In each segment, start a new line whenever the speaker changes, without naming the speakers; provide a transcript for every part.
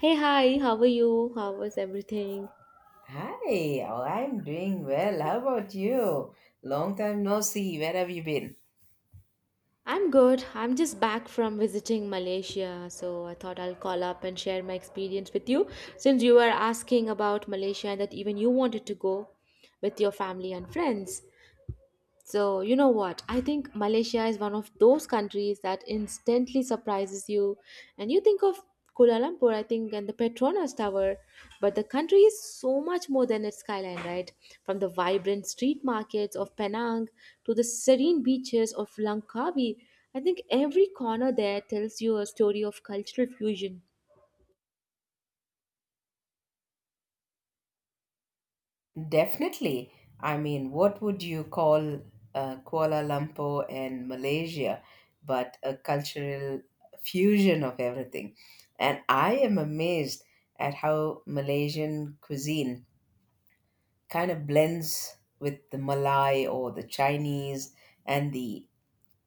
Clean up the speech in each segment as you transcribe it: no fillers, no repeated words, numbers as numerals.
Hey, hi, how are you? How was everything?
Hi, oh, I'm doing well. How about you? Long time no see. Where have you been?
I'm good. I'm just back from visiting Malaysia, so I thought I'll call up and share my experience with you since you were asking about Malaysia and that even you wanted to go with your family and friends. So, you know what? I think Malaysia is one of those countries that instantly surprises you. And you think of Kuala Lumpur, I think, and the Petronas Tower, but the country is so much more than its skyline, right? From the vibrant street markets of Penang to the serene beaches of Langkawi, I think every corner there tells you a story of cultural fusion.
Definitely. I mean, what would you call Kuala Lumpur and Malaysia, but a cultural fusion of everything? And I am amazed at how Malaysian cuisine kind of blends with the Malay or the Chinese and the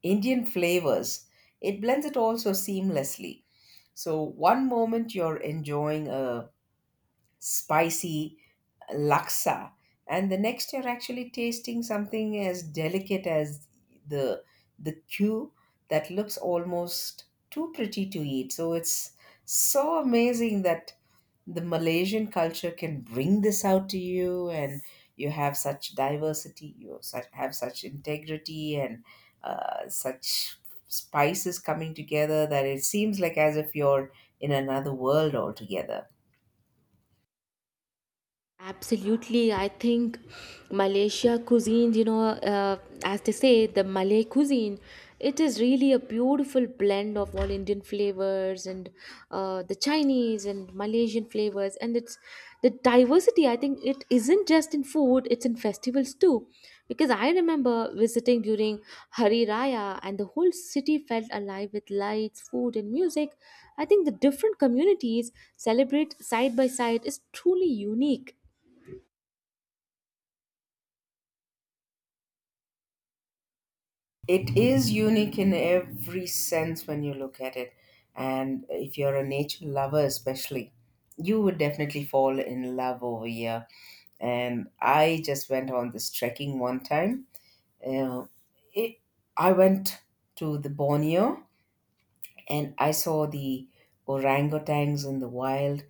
Indian flavors. It blends it also seamlessly. So, one moment you're enjoying a spicy laksa and the next you're actually tasting something as delicate as the the cue that looks almost too pretty to eat. So it's so amazing that the Malaysian culture can bring this out to you, and you have such diversity, you have such integrity and such spices coming together that it seems like as if you're in another world altogether.
Absolutely, I think Malaysia cuisine, you know, as they say, the Malay cuisine, it is really a beautiful blend of all Indian flavors and the Chinese and Malaysian flavors, and it's the diversity. I think it isn't just in food; it's in festivals too, because I remember visiting during Hari Raya, and the whole city felt alive with lights, food, and music. I think the different communities celebrate side by side is truly unique.
It is unique in every sense when you look at it. And if you're a nature lover, especially, you would definitely fall in love over here. And I just went on this trekking one time. Uh, it, I went to the Borneo and I saw the orangutans in the wild.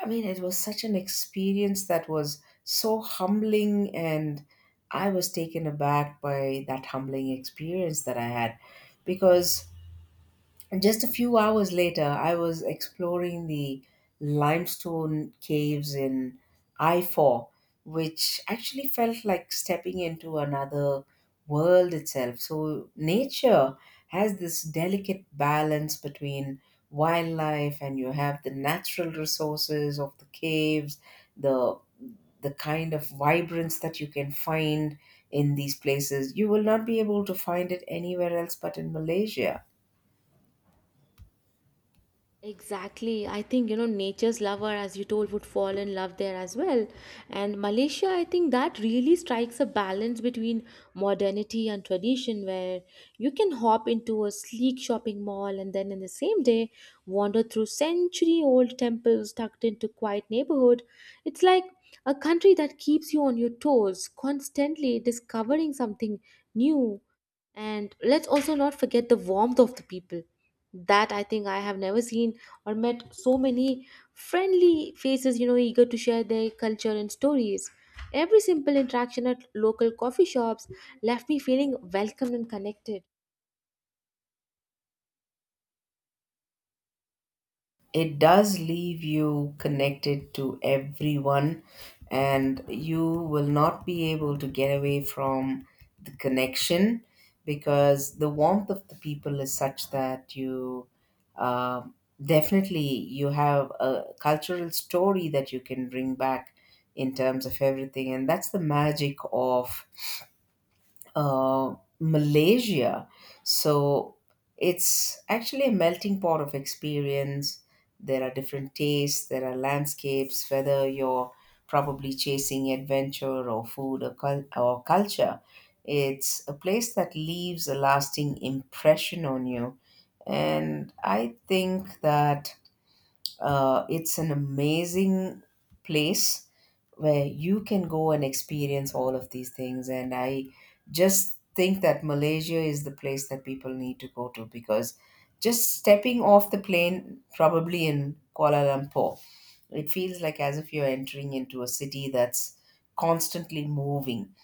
I mean, it was such an experience that was so humbling, and I was taken aback by that humbling experience that I had. Because And just a few hours later, I was exploring the limestone caves in I 4, which actually felt like stepping into another world itself. So, nature has this delicate balance between wildlife, and you have the natural resources of the caves, the kind of vibrance that you can find in these places. You will not be able to find it anywhere else but in Malaysia.
Exactly. I think, you know, nature's lover, as you told, would fall in love there as well. And Malaysia, I think that really strikes a balance between modernity and tradition, where you can hop into a sleek shopping mall and then in the same day wander through century old temples tucked into quiet neighborhood. It's like a country that keeps you on your toes, constantly discovering something new. And let's also not forget the warmth of the people that I think I have never seen or met so many friendly faces, you know, eager to share their culture and stories. Every simple interaction at local coffee shops left me feeling welcomed and connected.
It does leave you connected to everyone, and you will not be able to get away from the connection, because the warmth of the people is such that you um definitely, you have a cultural story that you can bring back in terms of everything. And that's the magic of uh, Malaysia. So it's actually a melting pot of experience. There are different tastes, there are landscapes, whether you're probably chasing adventure or food or or culture. It's a place that leaves a lasting impression on you. And I think that it's an amazing place where you can go and experience all of these things. And I just think that Malaysia is the place that people need to go to, because just stepping off the plane, probably in Kuala Lumpur, it feels like as if you're entering into a city that's constantly moving.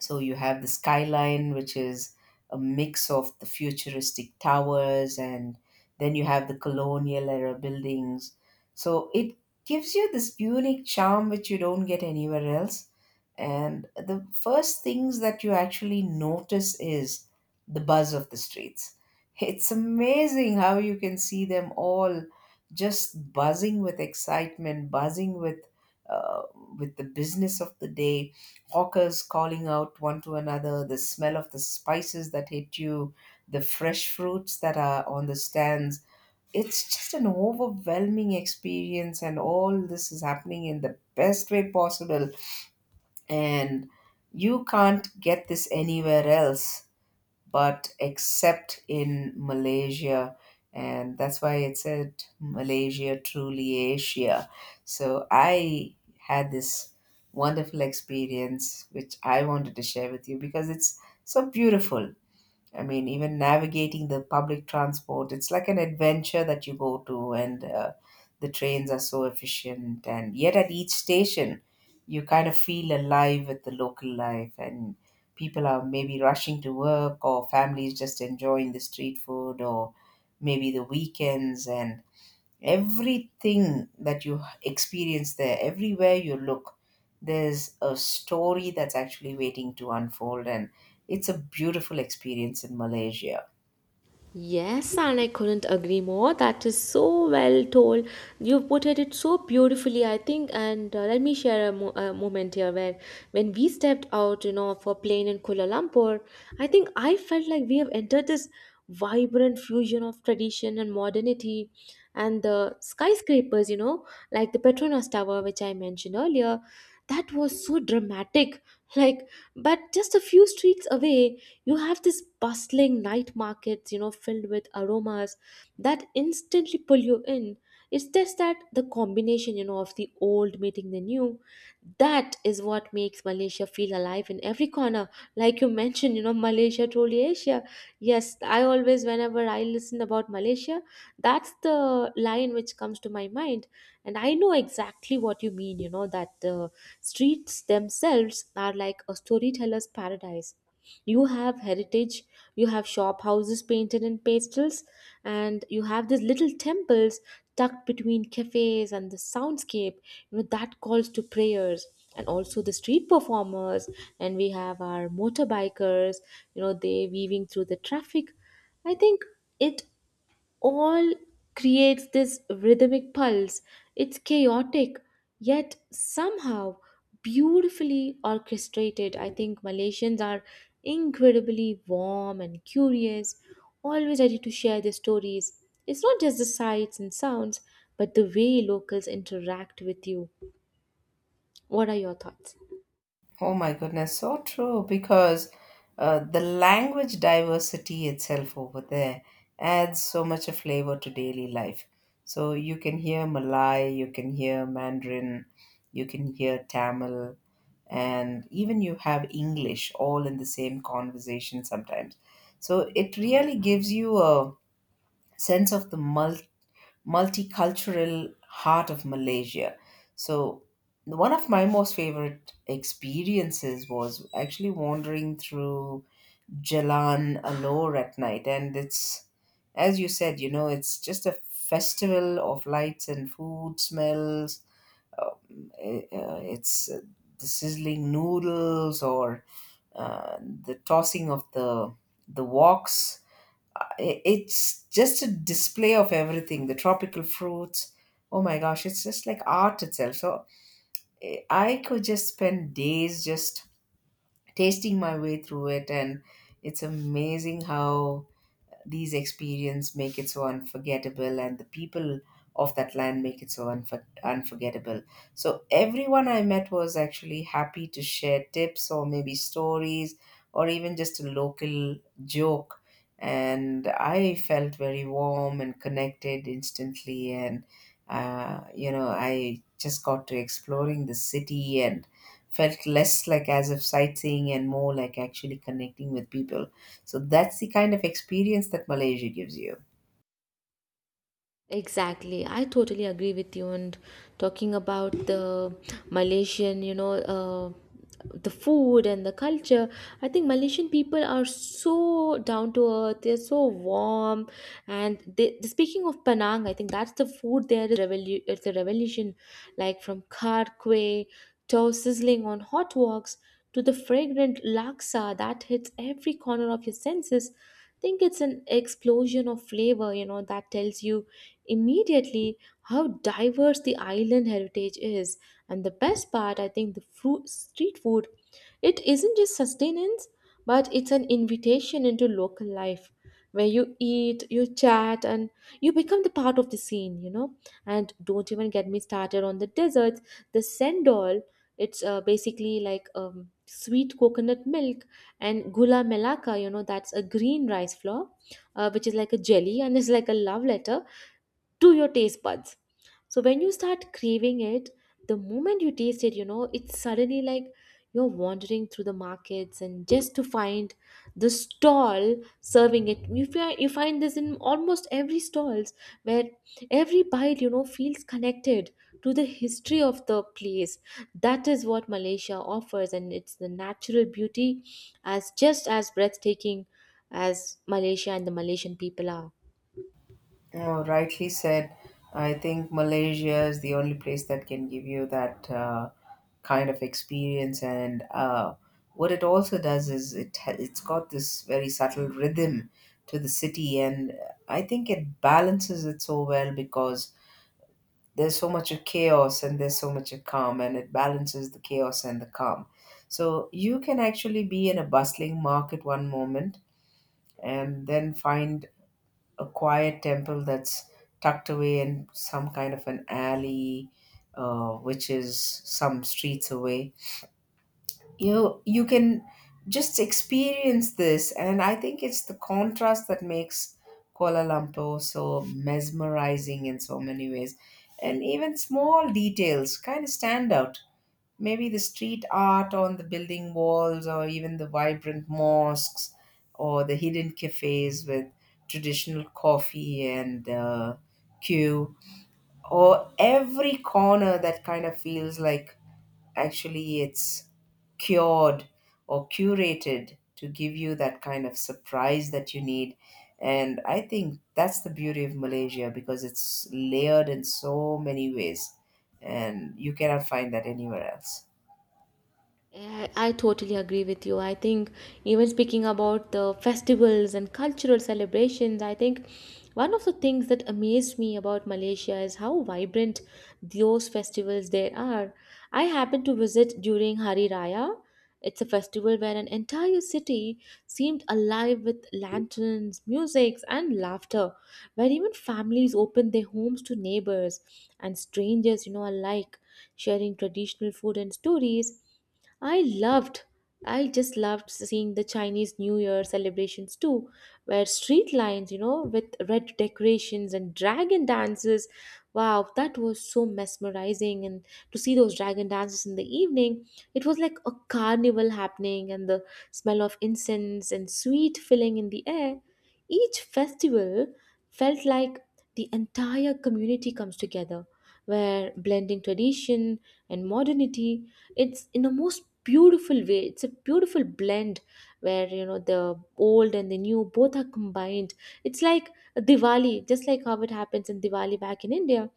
So you have the skyline, which is a mix of the futuristic towers, and then you have the colonial era buildings. So it gives you this unique charm which you don't get anywhere else. And the first things that you actually notice is the buzz of the streets. It's amazing how you can see them all just buzzing with excitement, buzzing uh, with the business of the day, hawkers calling out one to another, the smell of the spices that hit you, the fresh fruits that are on the stands. It's just an overwhelming experience, and all this is happening in the best way possible. And you can't get this anywhere else but except in Malaysia. And that's why it said Malaysia, truly Asia. So I had this wonderful experience, which I wanted to share with you because it's so beautiful. I mean, even navigating the public transport, it's like an adventure that you go to, and the trains are so efficient. And yet, at each station, you kind of feel alive with the local life, and people are maybe rushing to work, or families just enjoying the street food, or maybe the weekends. And everything that you experience there, everywhere you look, there's a story that's actually waiting to unfold, and it's a beautiful experience in Malaysia.
Yes, and I couldn't agree more. That is so well told. You've portrayed it so beautifully, I think. And let me share a, a moment here where, when we stepped out, you know, for plane in Kuala Lumpur, I think I felt like we have entered this vibrant fusion of tradition and modernity. And the skyscrapers, you know, like the Petronas Tower, which I mentioned earlier, that was so dramatic. Like, but just a few streets away, you have this bustling night markets, you know, filled with aromas that instantly pull you in. It's just that the combination, you know, of the old meeting the new, that is what makes Malaysia feel alive in every corner. Like you mentioned, you know, Malaysia, truly Asia. Yes, I always, whenever I listen about Malaysia, that's the line which comes to my mind. And I know exactly what you mean, you know, that the streets themselves are like a storyteller's paradise. You have heritage, you have shop houses painted in pastels, and you have these little temples tucked between cafes, and the soundscape, you know, that calls to prayers. And also the street performers, and we have our motorbikers, you know, they weaving through the traffic. I think it all creates this rhythmic pulse. It's chaotic, yet somehow beautifully orchestrated. I think Malaysians are incredibly warm and curious, always ready to share their stories. It's not just the sights and sounds, but the way locals interact with you. What are your thoughts?
Oh my goodness, so true, because the language diversity itself over there adds so much a flavor to daily life. So you can hear Malay, you can hear Mandarin, you can hear Tamil, and even you have English all in the same conversation sometimes. So it really gives you a sense of the multicultural heart of Malaysia. So, one of my most favorite experiences was actually wandering through Jalan Alor at night. And it's, as you said, you know, it's just a festival of lights and food smells. It's the sizzling noodles or the tossing of the woks. It's just a display of everything, the tropical fruits. Oh my gosh, it's just like art itself. So I could just spend days just tasting my way through it, and it's amazing how these experiences make it so unforgettable, and the people of that land make it so unforgettable. So everyone I met was actually happy to share tips or maybe stories or even just a local joke. And I felt very warm and connected instantly. And, you know, I just got to exploring the city and felt less like as if sightseeing and more like actually connecting with people. So that's the kind of experience that Malaysia gives you.
Exactly, I totally agree with you. And talking about the Malaysian, you know, the food and the culture, I think Malaysian people are so down to earth. They're so warm, and they speaking of Penang, I think that's the food there is it's a revolution, like from kar kway to sizzling on hot woks to the fragrant laksa that hits every corner of your senses. Think it's an explosion of flavor, you know, that tells you immediately how diverse the island heritage is. And the best part, I think, the fruit, street food, it isn't just sustenance, but it's an invitation into local life where you eat, you chat, and you become the part of the scene, you know. And don't even get me started on the desserts. The sendol, it's basically like sweet coconut milk and gula melaka, you know, that's a green rice flour, which is like a jelly and is like a love letter to your taste buds. So when you start craving it, the moment you taste it, you know, it's suddenly like you're wandering through the markets and just to find the stall serving it. You find this in almost every stalls where every bite, you know, feels connected to the history of the place. That is what Malaysia offers, and it's the natural beauty as just as breathtaking as Malaysia and the Malaysian people are.
Oh, rightly said. I think Malaysia is the only place that can give you that kind of experience. And what it also does is it's got this very subtle rhythm to the city, and I think it balances it so well because there's so much of chaos and there's so much of calm, and it balances the chaos and the calm. So you can actually be in a bustling market one moment and then find a quiet temple that's tucked away in some kind of an alley, which is some streets away. You know, you can just experience this, and I think it's the contrast that makes Kuala Lumpur so mesmerizing in so many ways, and even small details kind of stand out, maybe the street art on the building walls or even the vibrant mosques or the hidden cafes with traditional coffee and queue, or every corner that kind of feels like actually it's cured or curated to give you that kind of surprise that you need. And I think that's the beauty of Malaysia, because it's layered in so many ways and you cannot find that anywhere else.
I totally agree with you. I think even speaking about the festivals and cultural celebrations, I think one of the things that amazed me about Malaysia is how vibrant those festivals there are. I happened to visit during Hari Raya. It's a festival where an entire city seemed alive with lanterns, music, and laughter, where even families opened their homes to neighbors and strangers, you know, alike, sharing traditional food and stories. I loved, I just loved seeing the Chinese New Year celebrations too, where street lines, you know, with red decorations and dragon dances. Wow, that was so mesmerizing. And to see those dragon dances in the evening, it was like a carnival happening, and the smell of incense and sweet filling in the air. Each festival felt like the entire community comes together, where blending tradition and modernity, it's in the most beautiful way. It's a beautiful blend where, you know, the old and the new both are combined. It's like Diwali, just like how it happens in Diwali back in India.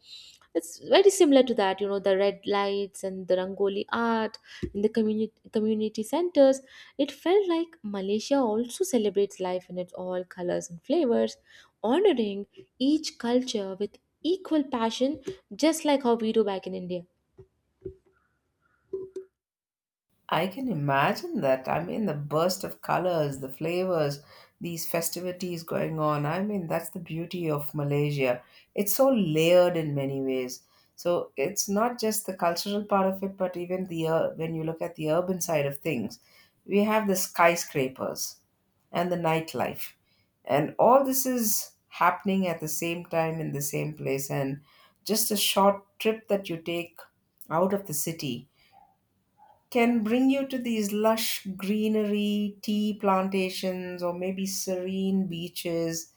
It's very similar to that, you know, the red lights and the rangoli art in the community centers. It felt like Malaysia also celebrates life in its all colors and flavors, honoring each culture with equal passion, just like how we do back in India.
I can imagine that. I mean, the burst of colors, the flavors, these festivities going on. I mean, that's the beauty of Malaysia. It's so layered in many ways. So it's not just the cultural part of it, but even when you look at the urban side of things, we have the skyscrapers and the nightlife, and all this is happening at the same time in the same place. And just a short trip that you take out of the city can bring you to these lush greenery, tea plantations, or maybe serene beaches.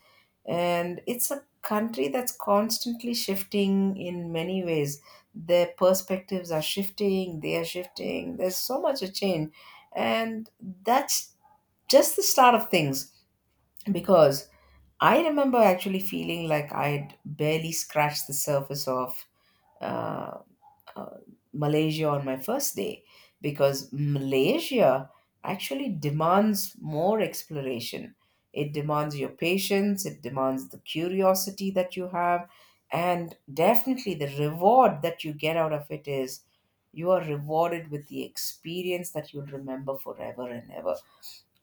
And it's a country that's constantly shifting in many ways. Their perspectives are shifting, they are shifting. There's so much a change. And that's just the start of things, because I remember actually feeling like I'd barely scratched the surface of. uh, uh, Malaysia on my first day, because Malaysia actually demands more exploration. It demands your patience, it demands the curiosity that you have, and definitely the reward that you get out of it is you are rewarded with the experience that you'll remember forever and ever.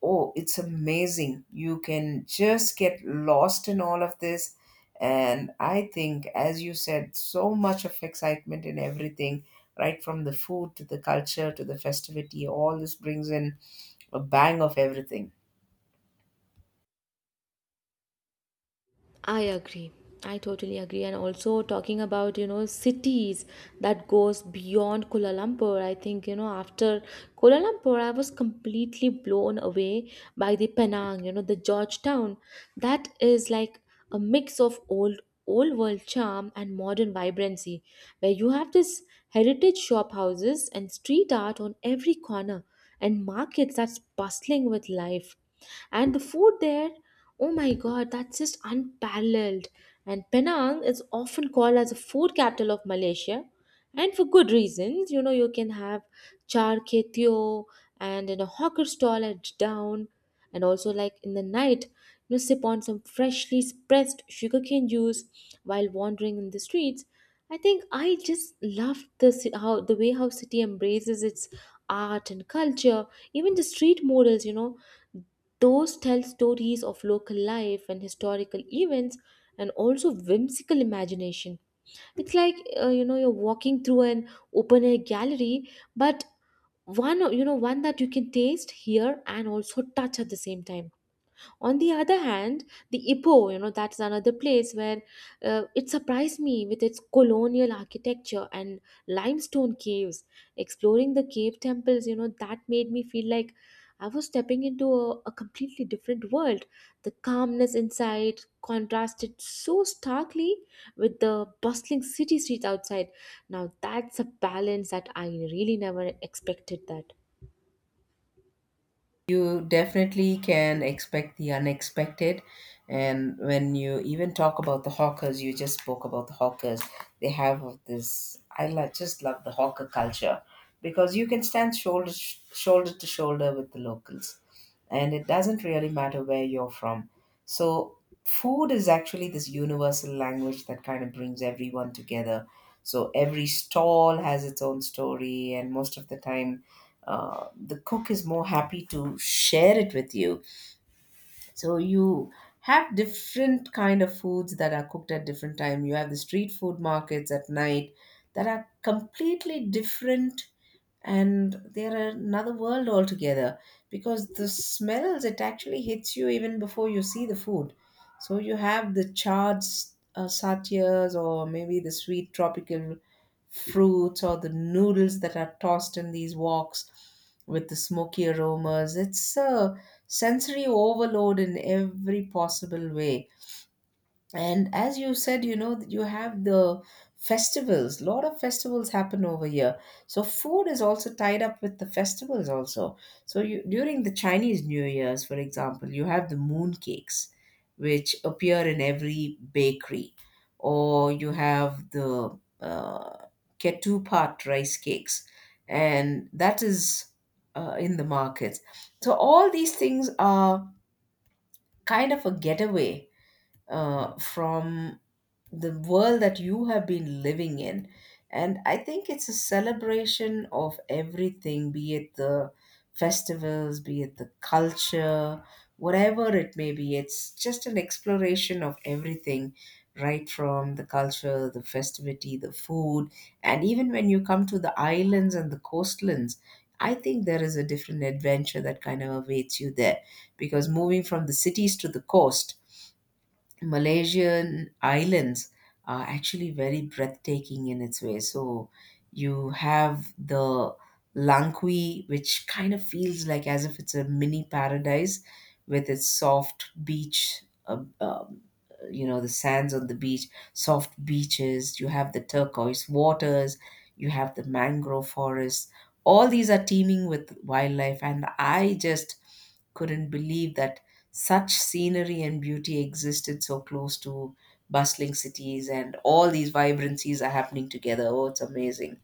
Oh, it's amazing, you can just get lost in all of this. And I think, as you said, so much of excitement in everything, right from the food to the culture to the festivity, all this brings in a bang of everything.
I agree. I totally agree. And also talking about, you know, cities that goes beyond Kuala Lumpur. I think, you know, after Kuala Lumpur, I was completely blown away by the Penang, you know, the Georgetown. That is like a mix of old world charm and modern vibrancy, where you have this heritage shop houses and street art on every corner and markets that's bustling with life. And the food there, oh my god, that's just unparalleled. And Penang is often called as the food capital of Malaysia, and for good reasons, you know. You can have char kway teow and in a hawker stall at down, and also like in the night, you know, sip on some freshly pressed sugarcane juice while wandering in the streets. I think I just love the how the way how city embraces its art and culture. Even the street murals, you know, those tell stories of local life and historical events, and also whimsical imagination. It's like, you know, you're walking through an open air gallery, but one, you know, one that you can taste, hear, and also touch at the same time. On the other hand, the Ipoh, you know, that's another place where, it surprised me with its colonial architecture and limestone caves. Exploring the cave temples, you know, that made me feel like I was stepping into a completely different world. The calmness inside contrasted so starkly with the bustling city streets outside. Now that's a balance that I really never expected that.
You definitely can expect the unexpected. And when you even talk about the hawkers, you just spoke about the hawkers, they have this, I just love the hawker culture, because you can stand shoulder to shoulder with the locals, and it doesn't really matter where you're from. So food is actually this universal language that kind of brings everyone together. So every stall has its own story, and most of the time the cook is more happy to share it with you. So you have different kind of foods that are cooked at different time. You have the street food markets at night that are completely different, and they're another world altogether, because the smells, it actually hits you even before you see the food. So you have the satyas or maybe the sweet tropical fruits or the noodles that are tossed in these woks with the smoky aromas. It's a sensory overload in every possible way. And as you said, you know, you have the festivals. A lot of festivals happen over here. So food is also tied up with the festivals also. So you during the Chinese New Year's, for example, you have the moon cakes, which appear in every bakery, or you have the ketupat rice cakes, and that is in the markets. So all these things are kind of a getaway from the world that you have been living in. And I think it's a celebration of everything, be it the festivals, be it the culture, whatever it may be. It's just an exploration of everything, right from the culture, the festivity, the food. And even when you come to the islands and the coastlands, I think there is a different adventure that kind of awaits you there because moving from the cities to the coast, Malaysian islands are actually very breathtaking in its way. So you have the Langkawi, which kind of feels like as if it's a mini paradise with its soft beach, the sands on the beach, soft beaches. You have the turquoise waters, you have the mangrove forests. All these are teeming with wildlife, and I just couldn't believe that such scenery and beauty existed so close to bustling cities, and all these vibrancies are happening together. Oh, it's amazing.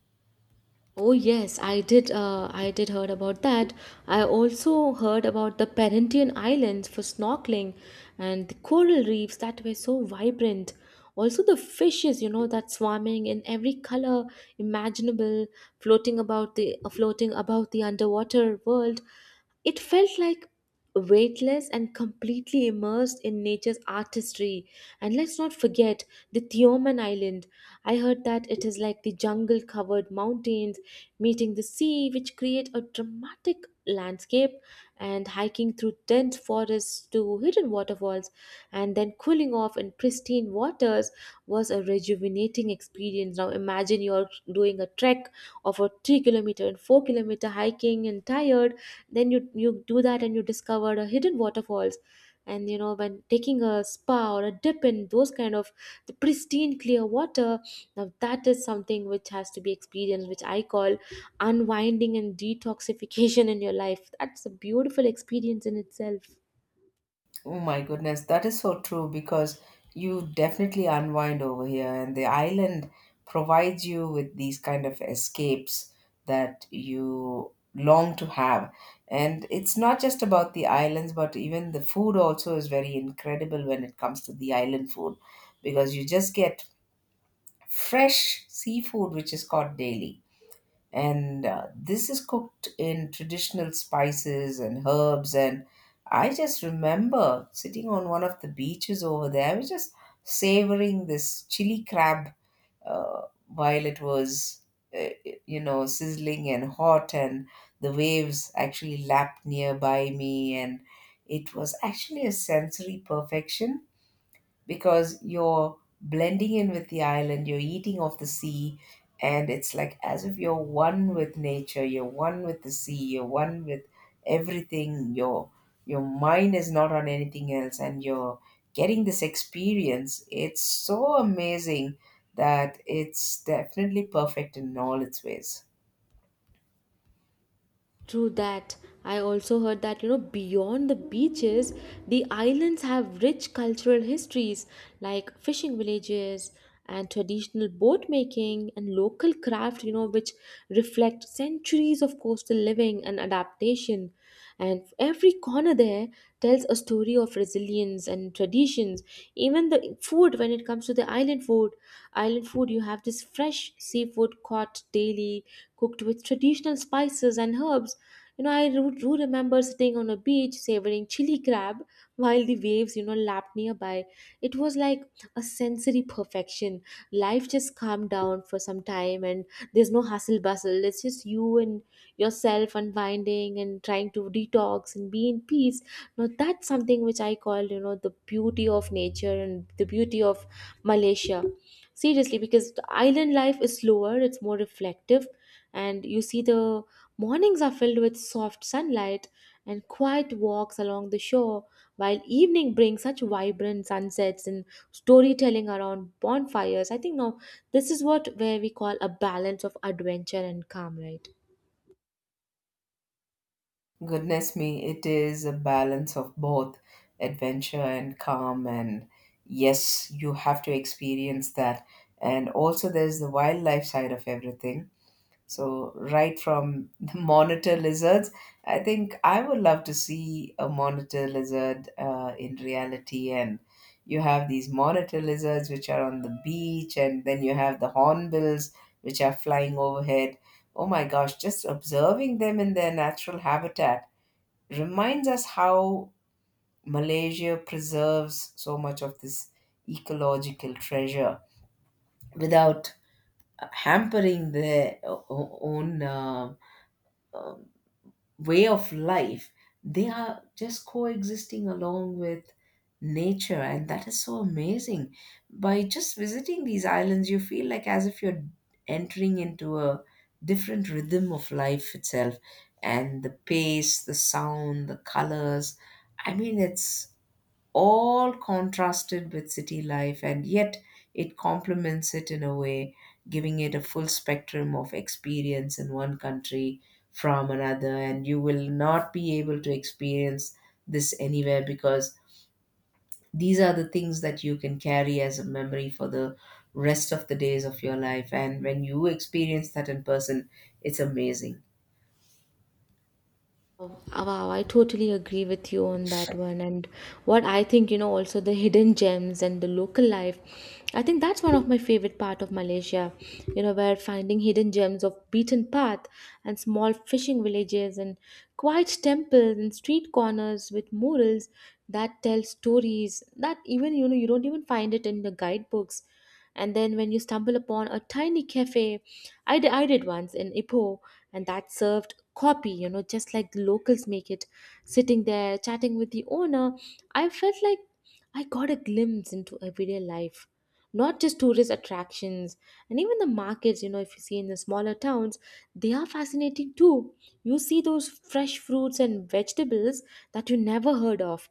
Oh yes, I did. I did heard about that. I also heard about the Parentian Islands for snorkeling, and the coral reefs that were so vibrant. Also the fishes, you know, that swarming in every color imaginable, floating about the underwater world. It felt like weightless and completely immersed in nature's artistry. And let's not forget the Tioman Island. I heard that it is like the jungle covered mountains meeting the sea, which create a dramatic landscape, and hiking through dense forests to hidden waterfalls, and then cooling off in pristine waters was a rejuvenating experience. Now imagine you're doing a trek of a 3 km and 4 km hiking and tired, then you do that and you discover a hidden waterfalls. And you know, when taking a spa or a dip in those kind of the pristine clear water, now that is something which has to be experienced, which I call unwinding and detoxification in your life. That's a beautiful experience in itself.
Oh my goodness, that is so true, because you definitely unwind over here, and the island provides you with these kind of escapes that you long to have. And it's not just about the islands, but even the food also is very incredible when it comes to the island food, because you just get fresh seafood which is caught daily. And this is cooked in traditional spices and herbs. And I just remember sitting on one of the beaches over there, I was just savoring this chili crab uh, while it was, uh, sizzling and hot, and the waves actually lapped nearby me. And it was actually a sensory perfection, because you're blending in with the island, you're eating off the sea, and it's like as if you're one with nature, you're one with the sea, you're one with everything. Your mind is not on anything else, and you're getting this experience. It's so amazing that it's definitely perfect in all its ways.
True that. I also heard that, you know, beyond the beaches, the islands have rich cultural histories like fishing villages and traditional boat making and local craft, you know, which reflect centuries of coastal living and adaptation. And every corner there tells a story of resilience and traditions. Even the food, when it comes to the island food, you have this fresh seafood caught daily, cooked with traditional spices and herbs. I do remember sitting on a beach savoring chili crab while the waves, lapped nearby. It was like a sensory perfection. Life just calmed down for some time, and there's no hustle bustle. It's just you and yourself unwinding and trying to detox and be in peace. Now, that's something which I call, the beauty of nature and the beauty of Malaysia. Seriously, because the island life is slower, it's more reflective, and you see the mornings are filled with soft sunlight and quiet walks along the shore, while evening brings such vibrant sunsets and storytelling around bonfires. I think now this is what where we call a balance of adventure and calm, right?
Goodness me, it is a balance of both adventure and calm. And yes, you have to experience that. And also, there's the wildlife side of everything. So, right from the monitor lizards, I think I would love to see a monitor lizard in reality. And you have these monitor lizards which are on the beach, and then you have the hornbills which are flying overhead. Oh my gosh, just observing them in their natural habitat reminds us how Malaysia preserves so much of this ecological treasure without hampering their own um way of life. They are just coexisting along with nature, and that is so amazing. By just visiting these islands, you feel like as if you're entering into a different rhythm of life itself, and the pace, the sound, the colors. I mean, it's all contrasted with city life, and yet it complements it in a way, giving it a full spectrum of experience in one country from another. And you will not be able to experience this anywhere, because these are the things that you can carry as a memory for the rest of the days of your life. And when you experience that in person, it's amazing.
Uh, Wow, I totally agree with you on that one. And what I think, you know, also the hidden gems and the local life. I think that's one of my favorite part of Malaysia, you know, where finding hidden gems of beaten path and small fishing villages and quiet temples and street corners with murals that tell stories that even, you don't even find it in the guidebooks. And then when you stumble upon a tiny cafe, I did once in Ipoh, and that served coffee, just like the locals make it. Sitting there chatting with the owner, I felt like I got a glimpse into everyday life. Not just tourist attractions, and even the markets, if you see in the smaller towns, they are fascinating too. You see those fresh fruits and vegetables that you never heard of.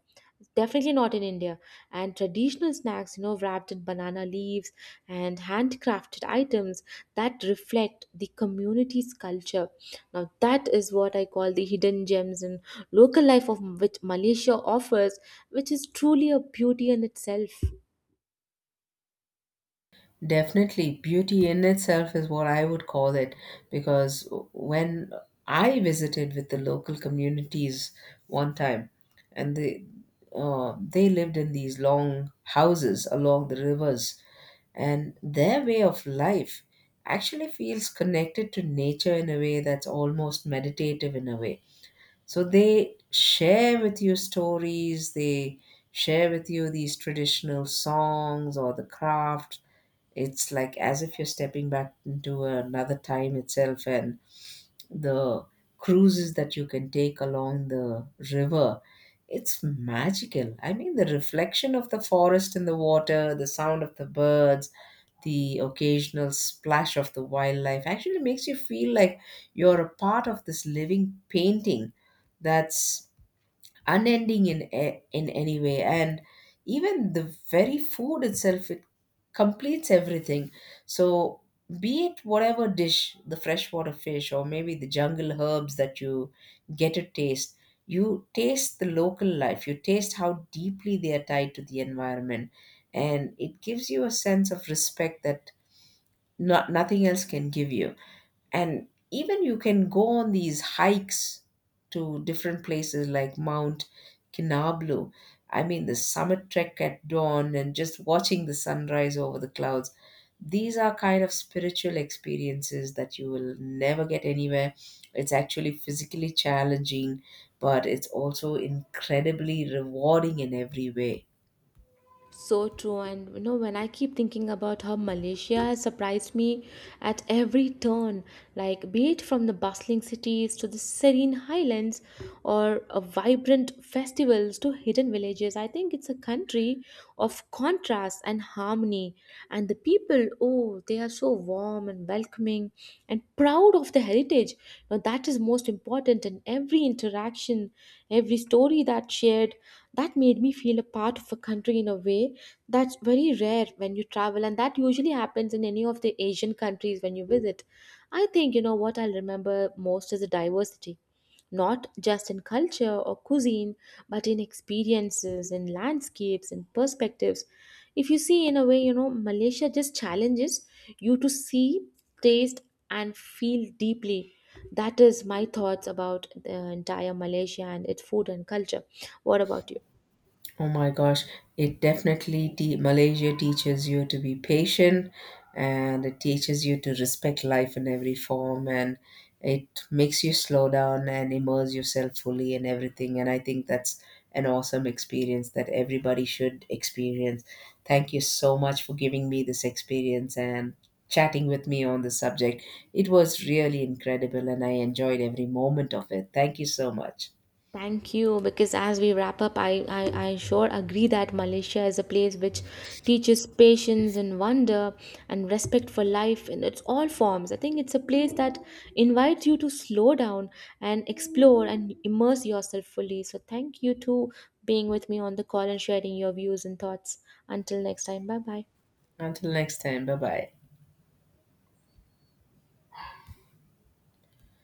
Definitely not in India. And traditional snacks, wrapped in banana leaves and handcrafted items that reflect the community's culture. Now, that is what I call the hidden gems in local life of which Malaysia offers, which is truly a beauty in itself.
Definitely, beauty in itself is what I would call it, because when I visited with the local communities one time, and they lived in these long houses along the rivers, and their way of life actually feels connected to nature in a way that's almost meditative in a way. So they share with you stories, they share with you these traditional songs or the crafts. It's like as if you're stepping back into another time itself, and the cruises that you can take along the river. It's magical. I mean, the reflection of the forest in the water, the sound of the birds, the occasional splash of the wildlife actually makes you feel like you're a part of this living painting that's unending in in any way. And even the very food itself, it completes everything. So be it whatever dish, the freshwater fish or maybe the jungle herbs that you get to taste, you taste the local life, you taste how deeply they are tied to the environment, and it gives you a sense of respect that nothing else can give you. And even you can go on these hikes to different places like Mount Kinablu. I mean, the summit trek at dawn and just watching the sunrise over the clouds. These are kind of spiritual experiences that you will never get anywhere. It's actually physically challenging, but it's also incredibly rewarding in every way.
So true, and you know, when I keep thinking about how Malaysia has surprised me at every turn, like be it from the bustling cities to the serene highlands or vibrant festivals to hidden villages, I think it's a country of contrast and harmony, and the people, oh, they are so warm and welcoming and proud of their heritage. Now, that is most important. And every interaction, every story that shared, that made me feel a part of a country in a way that's very rare when you travel. And that usually happens in any of the Asian countries when you visit. I think, you know, what I'll remember most is the diversity, not just in culture or cuisine, but in experiences, in landscapes, in perspectives. If you see, in a way, you know, Malaysia just challenges you to see, taste, and feel deeply. That is my thoughts about the entire Malaysia and its food and culture. What about you?
Oh my gosh, it definitely Malaysia teaches you to be patient, and it teaches you to respect life in every form, and it makes you slow down and immerse yourself fully in everything. And I think that's an awesome experience that everybody should experience. Thank you so much for giving me this experience and chatting with me on the subject. It was really incredible and I enjoyed every moment of it. Thank you so much.
Thank you. Because as we wrap up, I sure agree that Malaysia is a place which teaches patience and wonder and respect for life in its all forms. I think it's a place that invites you to slow down and explore and immerse yourself fully. So thank you to being with me on the call and sharing your views and thoughts. Until next time, bye bye.
Until next time, bye bye.